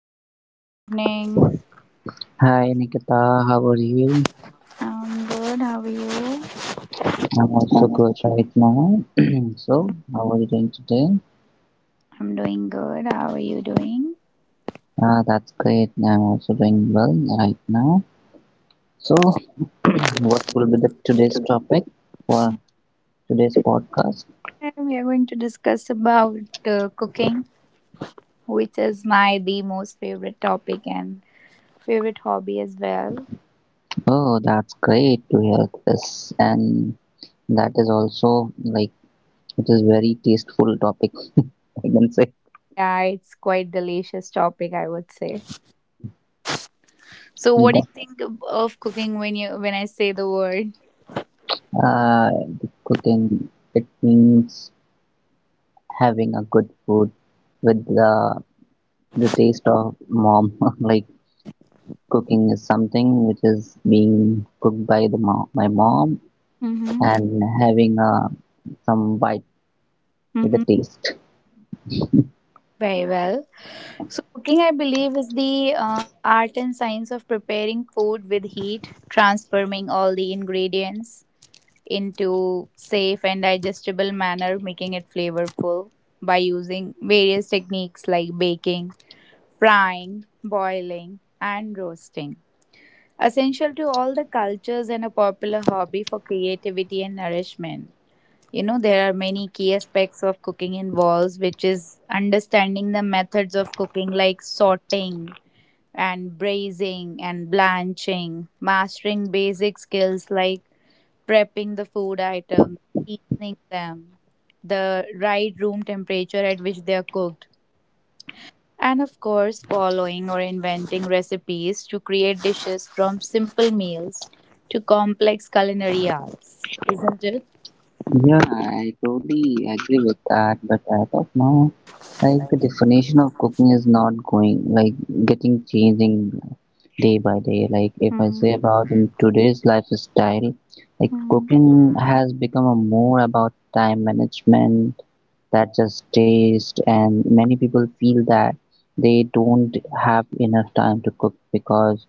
Shiv, good evening. Hi Nikita, how are you? I'm good. How are you? I'm also good right now. So, how are you doing today? I'm doing good. How are you doing? Ah, that's great. I'm also doing well right now. So, what will be the today's topic for today's podcast? Today we are going to discuss about cooking, which is my the most favorite topic and favorite hobby as well. Oh, that's great to hear this, and that is also like it is very tasteful topic. I can say Yeah, it's quite delicious topic, I would say. So, what do you that think of cooking when you when I say the word? uh, the cooking it means having a good food with the taste of mom. Like cooking is something which is being cooked by the mom, my mom, Mm-hmm. and having some bite with the Mm-hmm. taste. Very well. So, cooking, I believe, is the art and science of preparing food with heat, transforming all the ingredients into safe and digestible manner, making it flavorful by using various techniques like baking, frying, boiling, and roasting. Essential to all the cultures and a popular hobby for creativity and nourishment. You know, there are many key aspects of cooking involves, which is understanding the methods of cooking like sorting and braising and blanching, mastering basic skills like prepping the food items, seasoning them, the right room temperature at which they are cooked, and of course, following or inventing recipes to create dishes from simple meals to complex culinary arts. Isn't it? Yeah, I totally agree with that. But as of now, like the definition of cooking is not going like getting changing day by day. Like if I say Mm-hmm. about in today's lifestyle, like cooking has become a more about time management that just taste, and many people feel that they don't have enough time to cook because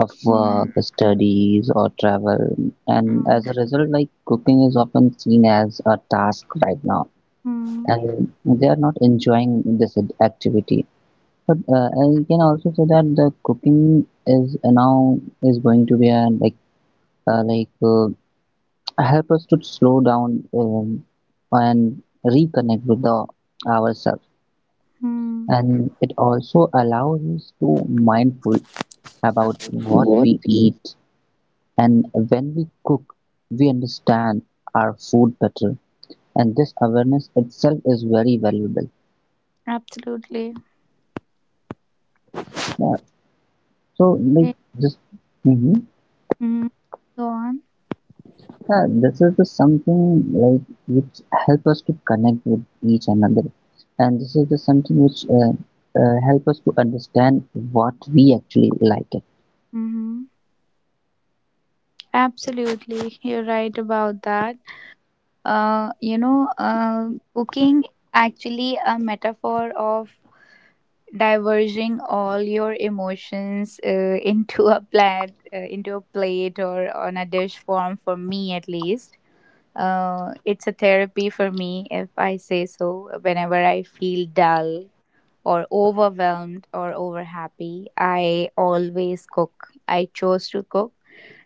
of work, Mm-hmm. studies or travel. And as a result, like cooking is often seen as a task right now Mm-hmm. and they are not enjoying this activity. But I can also say that the cooking is now is going to be a like uh, like uh, help us to slow down and reconnect with the ourselves, Mm-hmm. and it also allows us to mindful about what we eat, and when we cook we understand our food better, and this awareness itself is very valuable. Absolutely. Yeah. So Yeah. like this. Hmm. Mhm. Go on. Yeah, this is the something like which help us to connect with each another, and this is the something which help us to understand what we actually like it. Mm-hmm. Absolutely. You're right about that. Uh, you know, uh, Cooking is actually a metaphor of diverging all your emotions into a plate or on a dish form. For me, at least, it's a therapy for me, if I say so. Whenever I feel dull or overwhelmed or over happy, I always cook. I chose to cook.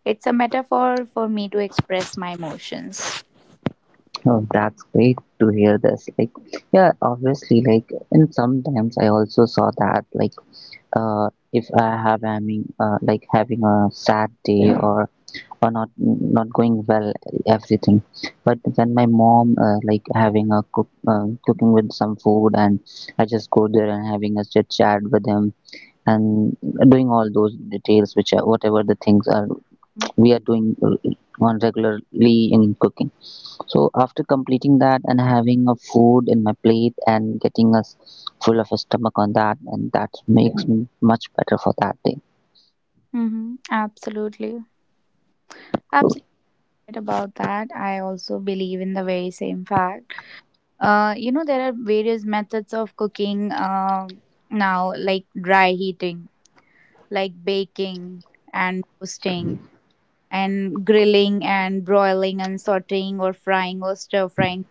It's a metaphor for me to express my emotions. Oh, that's great to hear this. Like, yeah, obviously, like, and sometimes I also saw that, like, if I having a sad day, or not going well, everything. But when my mom, like, having cooking with some food, and I just go there and having a chit chat with him, and doing all those details, which are whatever the things are we are doing on regularly in cooking, so after completing that and having a food in my plate and getting us full of a stomach on that, and that makes me much better for that day. Mm-hmm. Absolutely. Absolutely right about that. I also believe in the very same fact. You know, there are various methods of cooking now, like dry heating, like baking and roasting, and grilling and broiling and sauteing or frying or stir frying.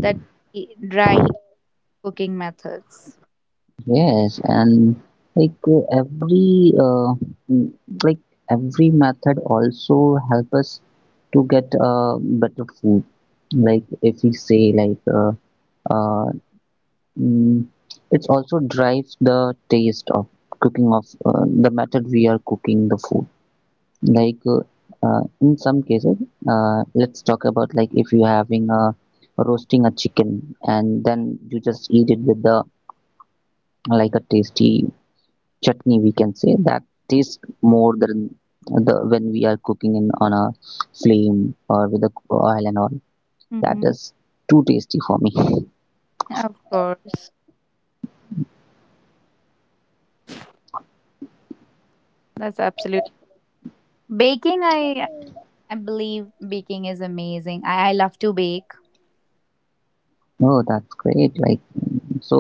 That dry heat cooking methods. Yes, and like mm, like every method also help us to get better food. Like if we say like uh, mm, it also drives the taste of cooking of the method we are cooking the food. Like in some cases, let's talk about, like, if you're having a roasting a chicken and then you just eat it with the, like, a tasty chutney, we can say that tastes more than the when we are cooking in on a flame or with the oil and all. That Mm-hmm. is too tasty for me. Of course. That's absolute. Baking, I believe baking is amazing. I love to bake. Oh, that's great. Like, so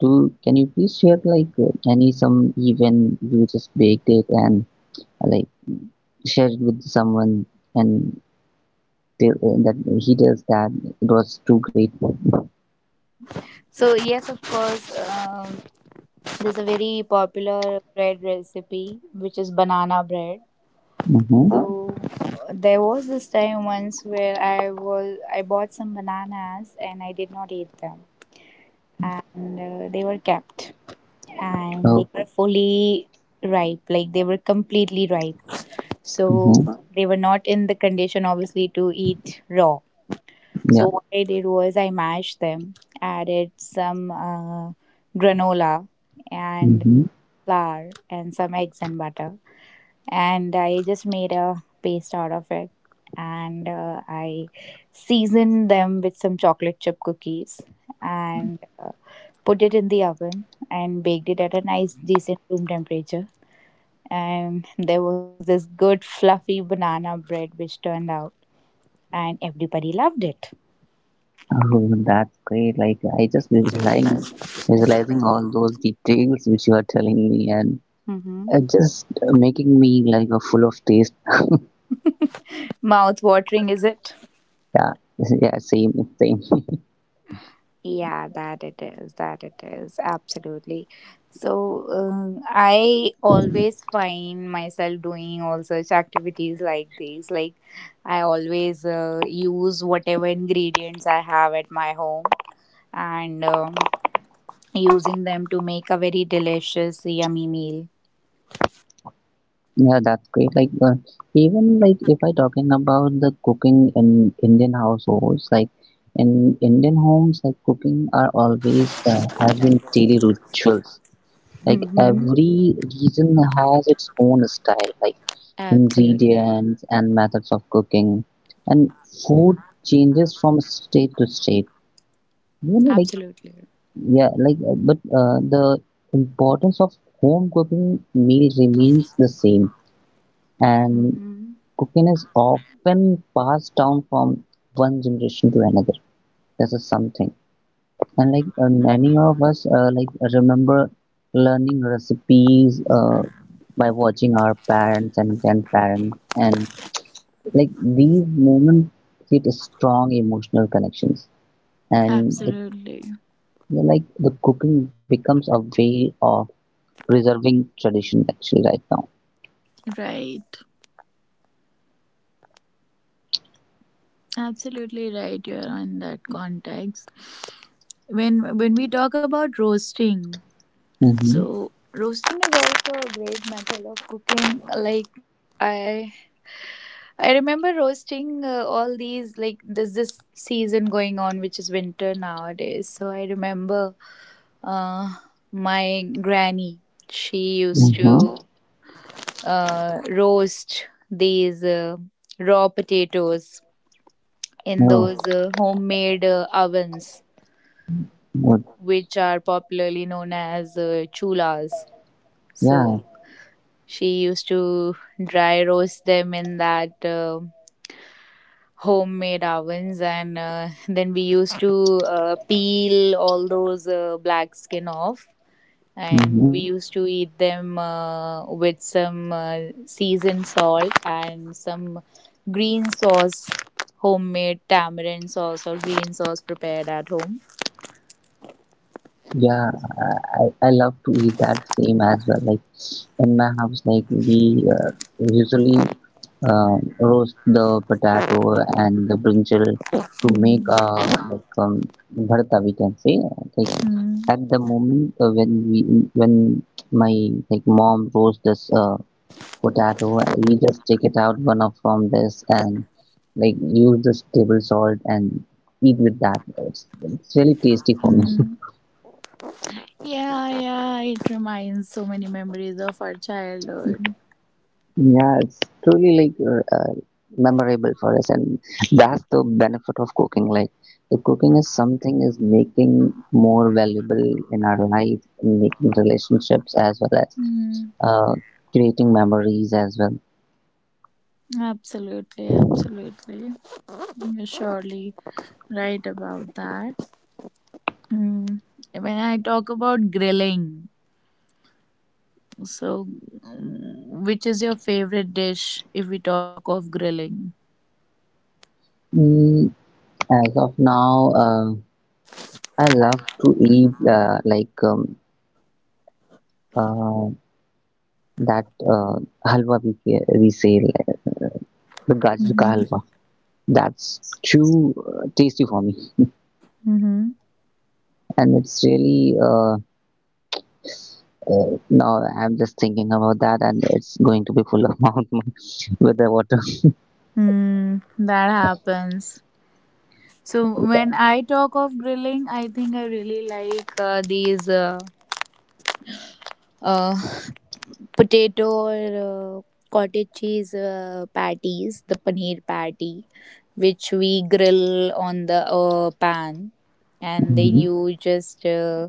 do can you please share, like, any some even you just baked it and like share it with someone? And They, that he tells that it was too great. So yes, of course, there's a very popular bread recipe which is banana bread. Mm-hmm. So there was this time once where I bought some bananas and I did not eat them, and they were kept and they Oh, were fully ripe, like they were completely ripe. So mm-hmm. they were not in the condition obviously to eat raw. Yeah. So what I did was I mashed them, added some granola and Mm-hmm. flour and some eggs and butter, and I just made a paste out of it. And I seasoned them with some chocolate chip cookies and put it in the oven and baked it at a nice decent room temperature. And there was this good fluffy banana bread which turned out, and everybody loved it. Oh, that's great. Like I just visualizing all those details which you are telling me, and Mm-hmm. Just making me like a full of taste. Mouth watering, is it? Yeah, yeah, same, same. Yeah, that it is. That it is. Absolutely. So, I always find myself doing all such activities like these. Like, I always use whatever ingredients I have at my home and using them to make a very delicious, yummy meal. Yeah, that's great. Like even like if I talking about the cooking in Indian households, like in Indian homes, like cooking are always has been daily rituals. Like Hmm. every region has its own style, like Absolutely. ingredients and methods of cooking, and food changes from state to state, like. Absolutely. Yeah, like but the importance of home cooking meal remains the same, and Hmm. cooking is often passed down from one generation to another. This is something, and like many of us like remember learning recipes by watching our parents and grandparents, and like these moments create a strong emotional connections, and Absolutely. like the cooking becomes a way of preserving tradition actually right now. Right. Absolutely right. You're on that context. When we talk about roasting, Mm-hmm. so roasting is also a great method of cooking. Like I I remember roasting all these, like there's this season going on which is winter nowadays. So I remember uh, my granny. She used Mm-hmm. to roast these raw potatoes in Oh, those homemade ovens, good. which are popularly known as chulas. Yeah. So she used to dry roast them in that homemade ovens, and then we used to peel all those black skin off. And Mm-hmm. we used to eat them with some seasoned salt and some green sauce, homemade tamarind sauce or green sauce prepared at home. Yeah. I love to eat that same as well. Like in my house, like we uh, usually roast the potato and the brinjal to make Mm, like bharta, we can say, like, mm, at the moment when we when my like mom roasts this potato, we just take it out one of from this, and like use this table salt and eat with that. It's really tasty for me. mm. Yeah, yeah, it reminds so many memories of our childhood. Yeah, it's truly like memorable for us, and that's the benefit of cooking. Like, the cooking is something is making more valuable in our life, in making relationships as well as Mm, uh, creating memories as well. absolutely, absolutely. You're surely right about that. Mm. When I talk about grilling, so mm, which is your favorite dish if we talk of grilling? Mm, as of now, I love to eat like uh, that halwa, we say, like, the gajar ka Mm-hmm. halwa. That's too tasty for me, Mm-hmm. and it's really. No, I'm just thinking about that, and it's going to be full of mountain with the water. Mm, that happens. So when I talk of grilling, I think I really like these. Uh, Potato or cottage cheese patties, the paneer patty, which we grill on the pan, and then Hmm. you just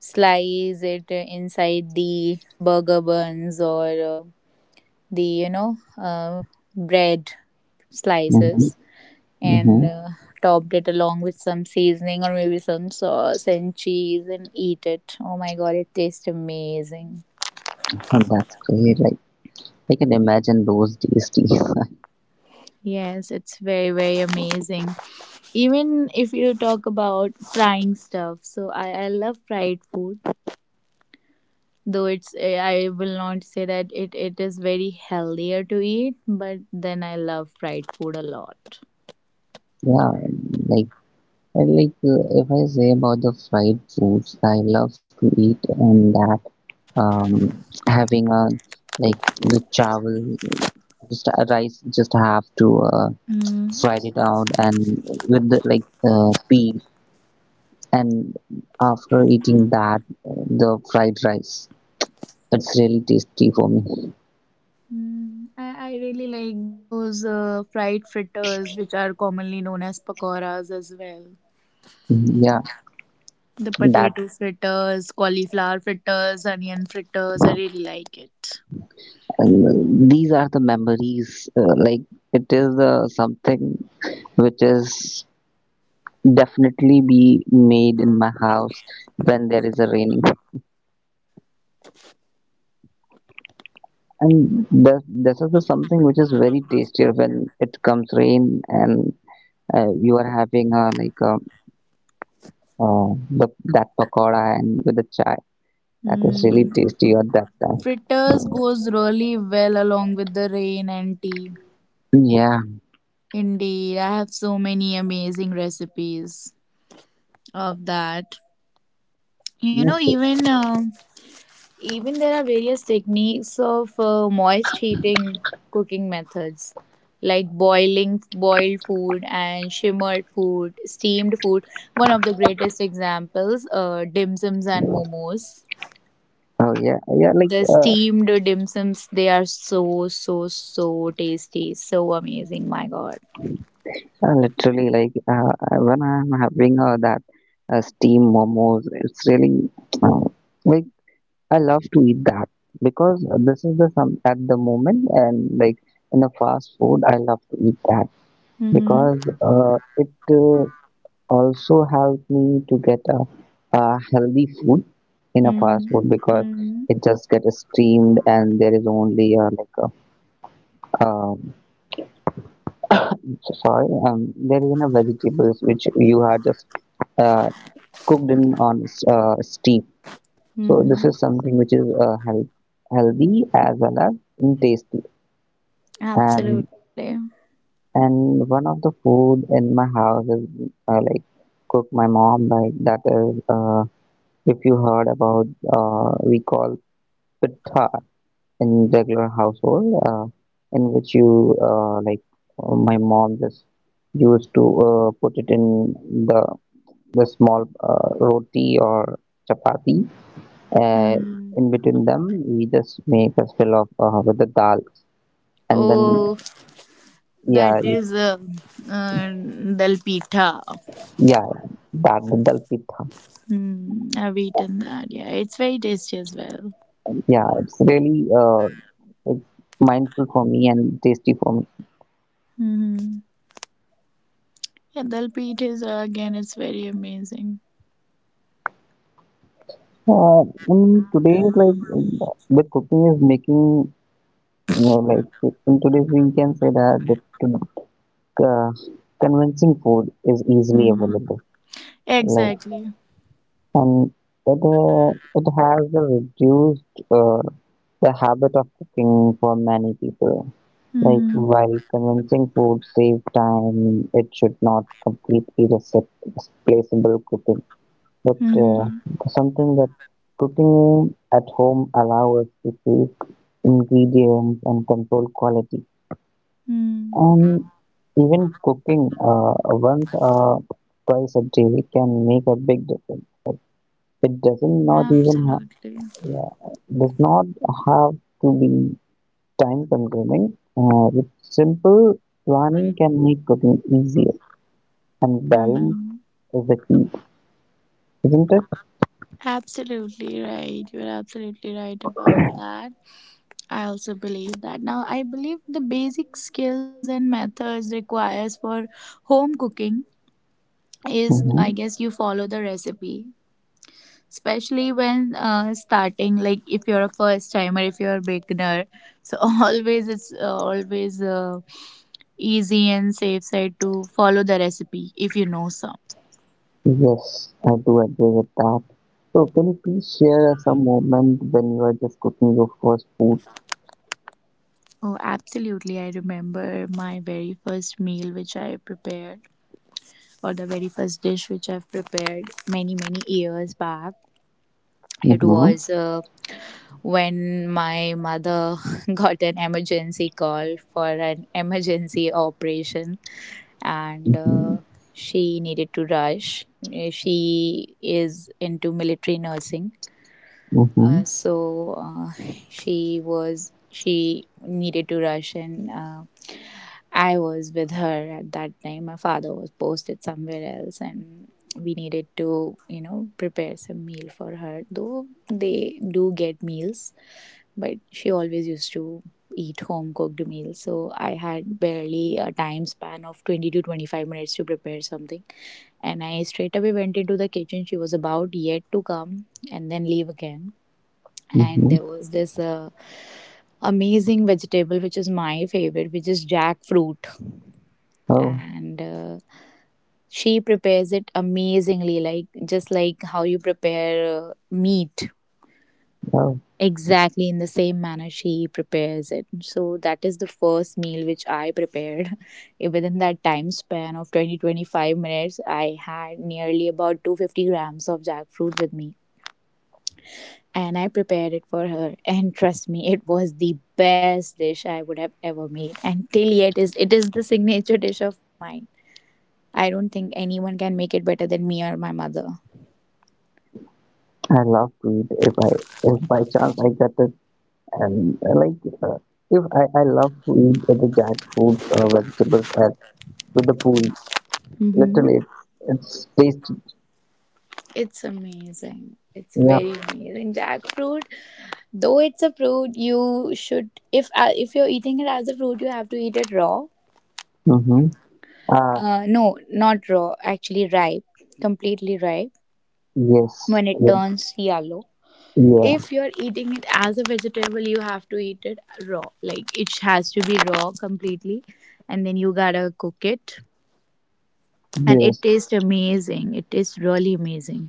slice it inside the burger buns or the, you know, bread Hmm. slices. And Hmm. Topped it along with some seasoning or maybe some sauce and cheese and eat it. Oh my god, it tastes amazing. That's great. Like I can imagine those tasties. Yes, it's very, very amazing. Even if you talk about frying stuff, so I love fried food, though it's I will not say that it is very healthier to eat, but then I love fried food a lot. Yeah, like I like if I say about the fried foods, I love to eat, and that um having a like the chawal, just a rice, just have to Mm. fried it out, and with the like pea, and after eating that the fried rice, it's really tasty for me. Mm. I really like those fried fritters, which are commonly known as pakoras as well. Yeah, The that potato fritters, cauliflower fritters, onion fritters, I really like it. these are the memories like, it is something which is definitely be made in my house when there is a raining, and this is the something which is very tastier when it comes rain, and you are having like uh, that pakoda and with the chai. That is really Mm. tasty at that time. Fritters goes really well along with the rain and tea. Yeah. Indeed, I have so many amazing recipes of that. You know, Okay. even um Even there are various techniques of moist heating cooking methods, like boiling boiled food and shimmered food, steamed food. One of the greatest examples, dim sums and momos. Oh, yeah, yeah. Like The steamed dim sums, they are so, so, so tasty. So amazing, my God. Literally, like when I'm having that steamed momos, it's really uh, like I love to eat that, because this is the some at the moment, and like in a fast food, I love to eat that, Mm-hmm. because it also helps me to get a healthy food in a fast Mm-hmm. food, because Mm-hmm. it just gets steamed and there is only like a um, soil, there is enough vegetables which you had just uh, cooked in on steam. So this Mm-hmm. is something which is healthy as well as tasty. And Absolutely. and one of the food in my house is like cook my mom, like that is if you heard about, we call pitha in regular household, in which you like my mom just used to put it in the the small roti or chapati, and Mm. in between them we just make a fill of with the dal, and then Oh, that yeah, you, is uh, dal pitha. yeah, that the dal pitha. Mm, I've eaten that. Yeah, it's very tasty as well. Yeah, it's mindful for me and tasty for me. Mm-hmm. Yeah, dal pitha is again, it's very amazing. Uh, and today, like the cooking is making, like, in today's we can say that the uh, convincing food is easily Mm. available. Like, Exactly. and it uh, it has reduced uh, the habit of cooking for many people. Like, Mm-hmm. while convincing food save time, it should not completely replaceable cooking, but Mm-hmm. something that cooking at home allows us to take ingredients and control quality. Mm. And even cooking once or twice a day can make a big difference. It doesn't not even Absolutely. does not have to be time consuming. With simple planning can make cooking easier and balance Mm-hmm. is the key, isn't it? Absolutely right. You're absolutely right about that. I also believe that. Now, I believe the basic skills and methods requires for home cooking is, Hmm. I guess, you follow the recipe. Especially when starting, like if you're a first timer, if you're a beginner, so always it's always easy and safe side to follow the recipe if you know some. Yes, I do agree with that. So can you please share us a moment when you are just cooking your first food? Oh, absolutely! I remember my very first meal which I prepared, for the very first dish which I've prepared many, many years back. It Mm-hmm. was when my mother got an emergency call for an emergency operation and Mm-hmm. She needed to rush. She is into military nursing, Mm-hmm. so she needed to rush and I was with her at that time. My father was posted somewhere else and we needed to, you know, prepare some meal for her, though they do get meals, but she always used to eat home cooked meals. So I had barely a time span of 20 to 25 minutes to prepare something, and I straight away went into the kitchen. She was about yet to come and then leave again. And Mm-hmm. there was this amazing vegetable which is my favorite, which is jackfruit. Oh, And she prepares it amazingly, like just like how you prepare meat, wow. exactly in the same manner she prepares it. So that is the first meal which I prepared within that time span of 20 to 25 minutes. I had nearly about 250 grams of jackfruit with me, and I prepared it for her. And trust me, it was the best dish I would have ever made. And till yet is it is the signature dish of mine. I don't think anyone can make it better than me or my mother. I love to eat, if by chance I get it, and like uh, if I love to eat the jackfruits or vegetables at with the pool. Mm-hmm. Literally, it's tasty. It's amazing. It's Yeah. very amazing. Jackfruit, though it's a fruit, you should, if you're eating it as a fruit, you have to eat it raw. Mm-hmm. Uh, No, not raw. Actually, ripe, completely ripe. yes. When it Yeah. turns yellow, Yeah. if you're eating it as a vegetable, you have to eat it raw, like it has to be raw completely, and then you gotta cook it, and it Yes. tastes amazing. It tastes really amazing.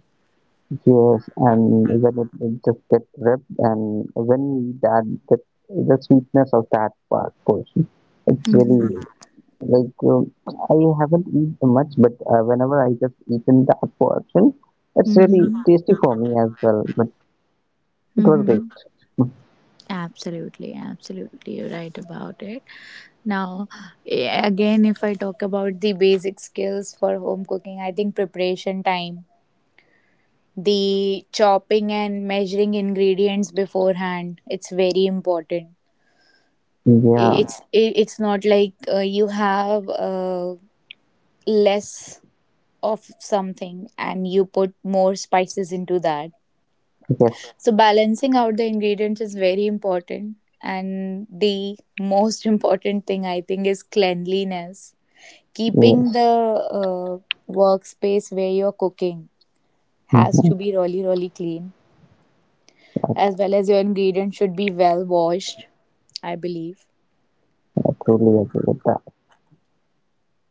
Yes. And when it just get ripped, and when you eat that, the sweetness of that part portion, it's really, Mm-hmm. like I haven't eaten much, but whenever I just eaten that portion, it's really Mm-hmm. tasty for me as well. But it was great. Mm-hmm. Absolutely, absolutely, you're right about it. Now, again, if I talk about the basic skills for home cooking, I think preparation time, the chopping and measuring ingredients beforehand, it's very important. Yeah. It's not like you have less of something and you put more spices into that, Yes. so balancing out the ingredients is very important. And the most important thing I think is cleanliness. Keeping Yes. the uh, workspace where you're cooking has Mm-hmm. to be really really clean, as well as your ingredients should be well washed, I believe. I truly agree with that.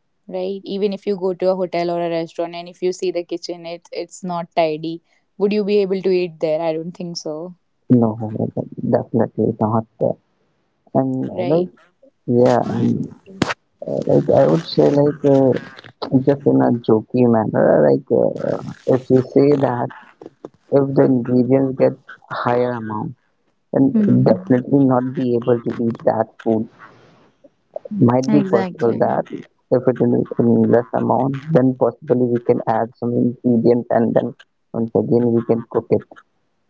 Right? Even if you go to a hotel or a restaurant and if you see the kitchen, it's not tidy. Would you be able to eat there? I don't think so, No, definitely not. And right? like, yeah, and like I would say, like, just in a jokey manner, like, if we say that, if the ingredients get higher amount, then Mm-hmm. definitely not be able to eat that food. Might be possible Exactly. that if it is in less amount, then possibly we can add some ingredient, and then once again we can cook it,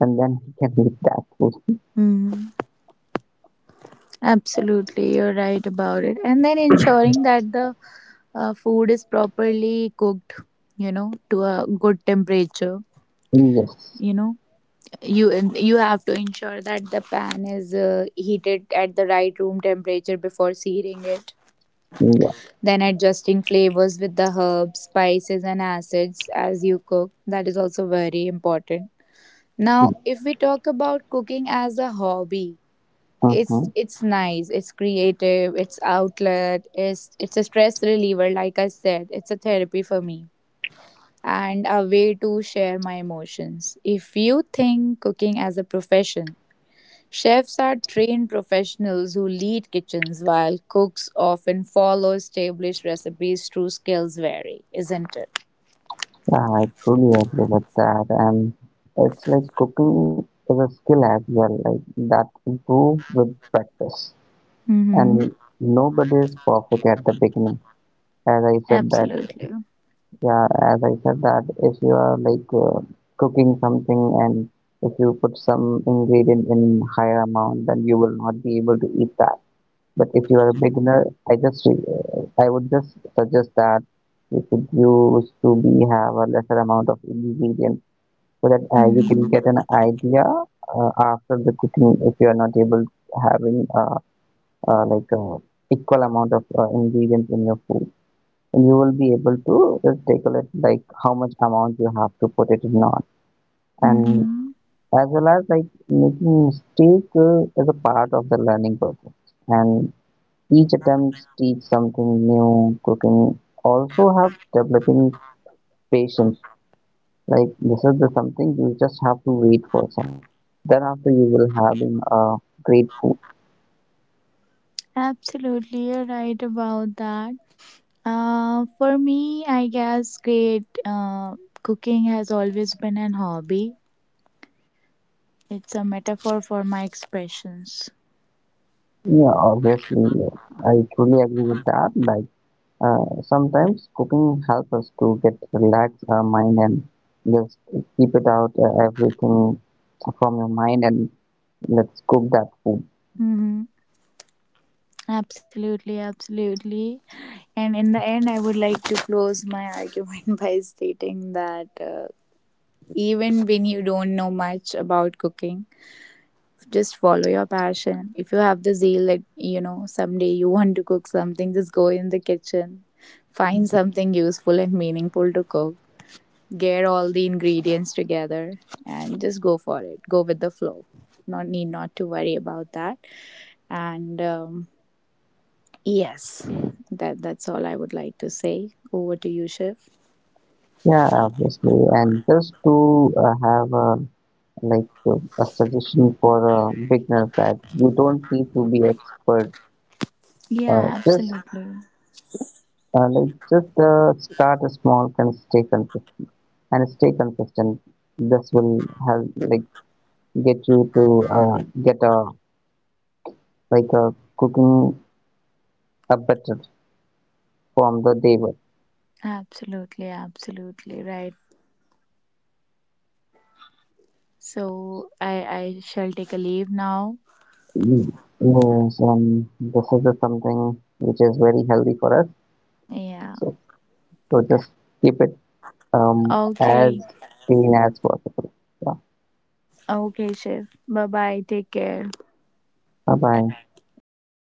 and then we can eat that food. Hmm. Absolutely, you're right about it. And then ensuring that the food is properly cooked, you know, to a good temperature. Yes, You know, you you have to ensure that the pan is heated at the right room temperature before searing it. yeah. Then adjusting flavors with the herbs, spices, and acids as you cook. That is also very important. Now, if we talk about cooking as a hobby, Uh-huh. it's nice, it's creative, it's outlet, it's a stress reliever, like I said, it's a therapy for me and a way to share my emotions. If you think cooking as a profession, chefs are trained professionals who lead kitchens, while cooks often follow established recipes. True skills vary, isn't it? Yeah, I truly agree with that. And it's like cooking is a skill as well, like that improve with practice. Mm-hmm. And nobody is perfect at the beginning. As I said that, Absolutely. yeah, as I said that, if you are like cooking something, and if you put some ingredient in higher amount, then you will not be able to eat that. But if you are a beginner, I would just suggest that you should use to be have a lesser amount of ingredient, so that you can Mm-hmm. get an idea after the cooking, if you are not able to having uh, like uh, equal amount of ingredients in your food, and you will be able to just take a look like how much amount you have to put it in on. And Mm-hmm. as well as, like, making mistake is a part of the learning process, and each attempt teach something new. Cooking also helps developing patience. Like, this is the something you just have to wait for some. Then after you will having a great food. Absolutely, you're right about that. For me, I guess great cooking has always been an hobby. It's a metaphor for my expressions. Yeah, obviously, I truly agree with that. Like sometimes cooking helps us to get relax our mind, and just keep it out everything from your mind, and let's cook that food. Mm-hmm. Absolutely, absolutely. And in the end, I would like to close my argument by stating that even when you don't know much about cooking, just follow your passion. If you have the zeal that, you know, someday you want to cook something, just go in the kitchen, find something useful and meaningful to cook, get all the ingredients together, and just go for it. Go with the flow. Not need not to worry about that. And yes, that's all I would like to say. Over to you, Shiv. Yeah, obviously. And just to have like uh, a suggestion for beginners that you don't need to be expert. Uh, Yeah, just absolutely. just start a small and stay consistent This will help, like, get you to uh, get a like a cooking a better from the day one. Absolutely, absolutely right. So I shall take a leave now. Mm, yes, and this is the something which is very healthy for us, Yeah. so so just keep it um, Okay. as clean as possible. Yeah. Okay, Shiv. Bye bye. Take care. Bye bye, and have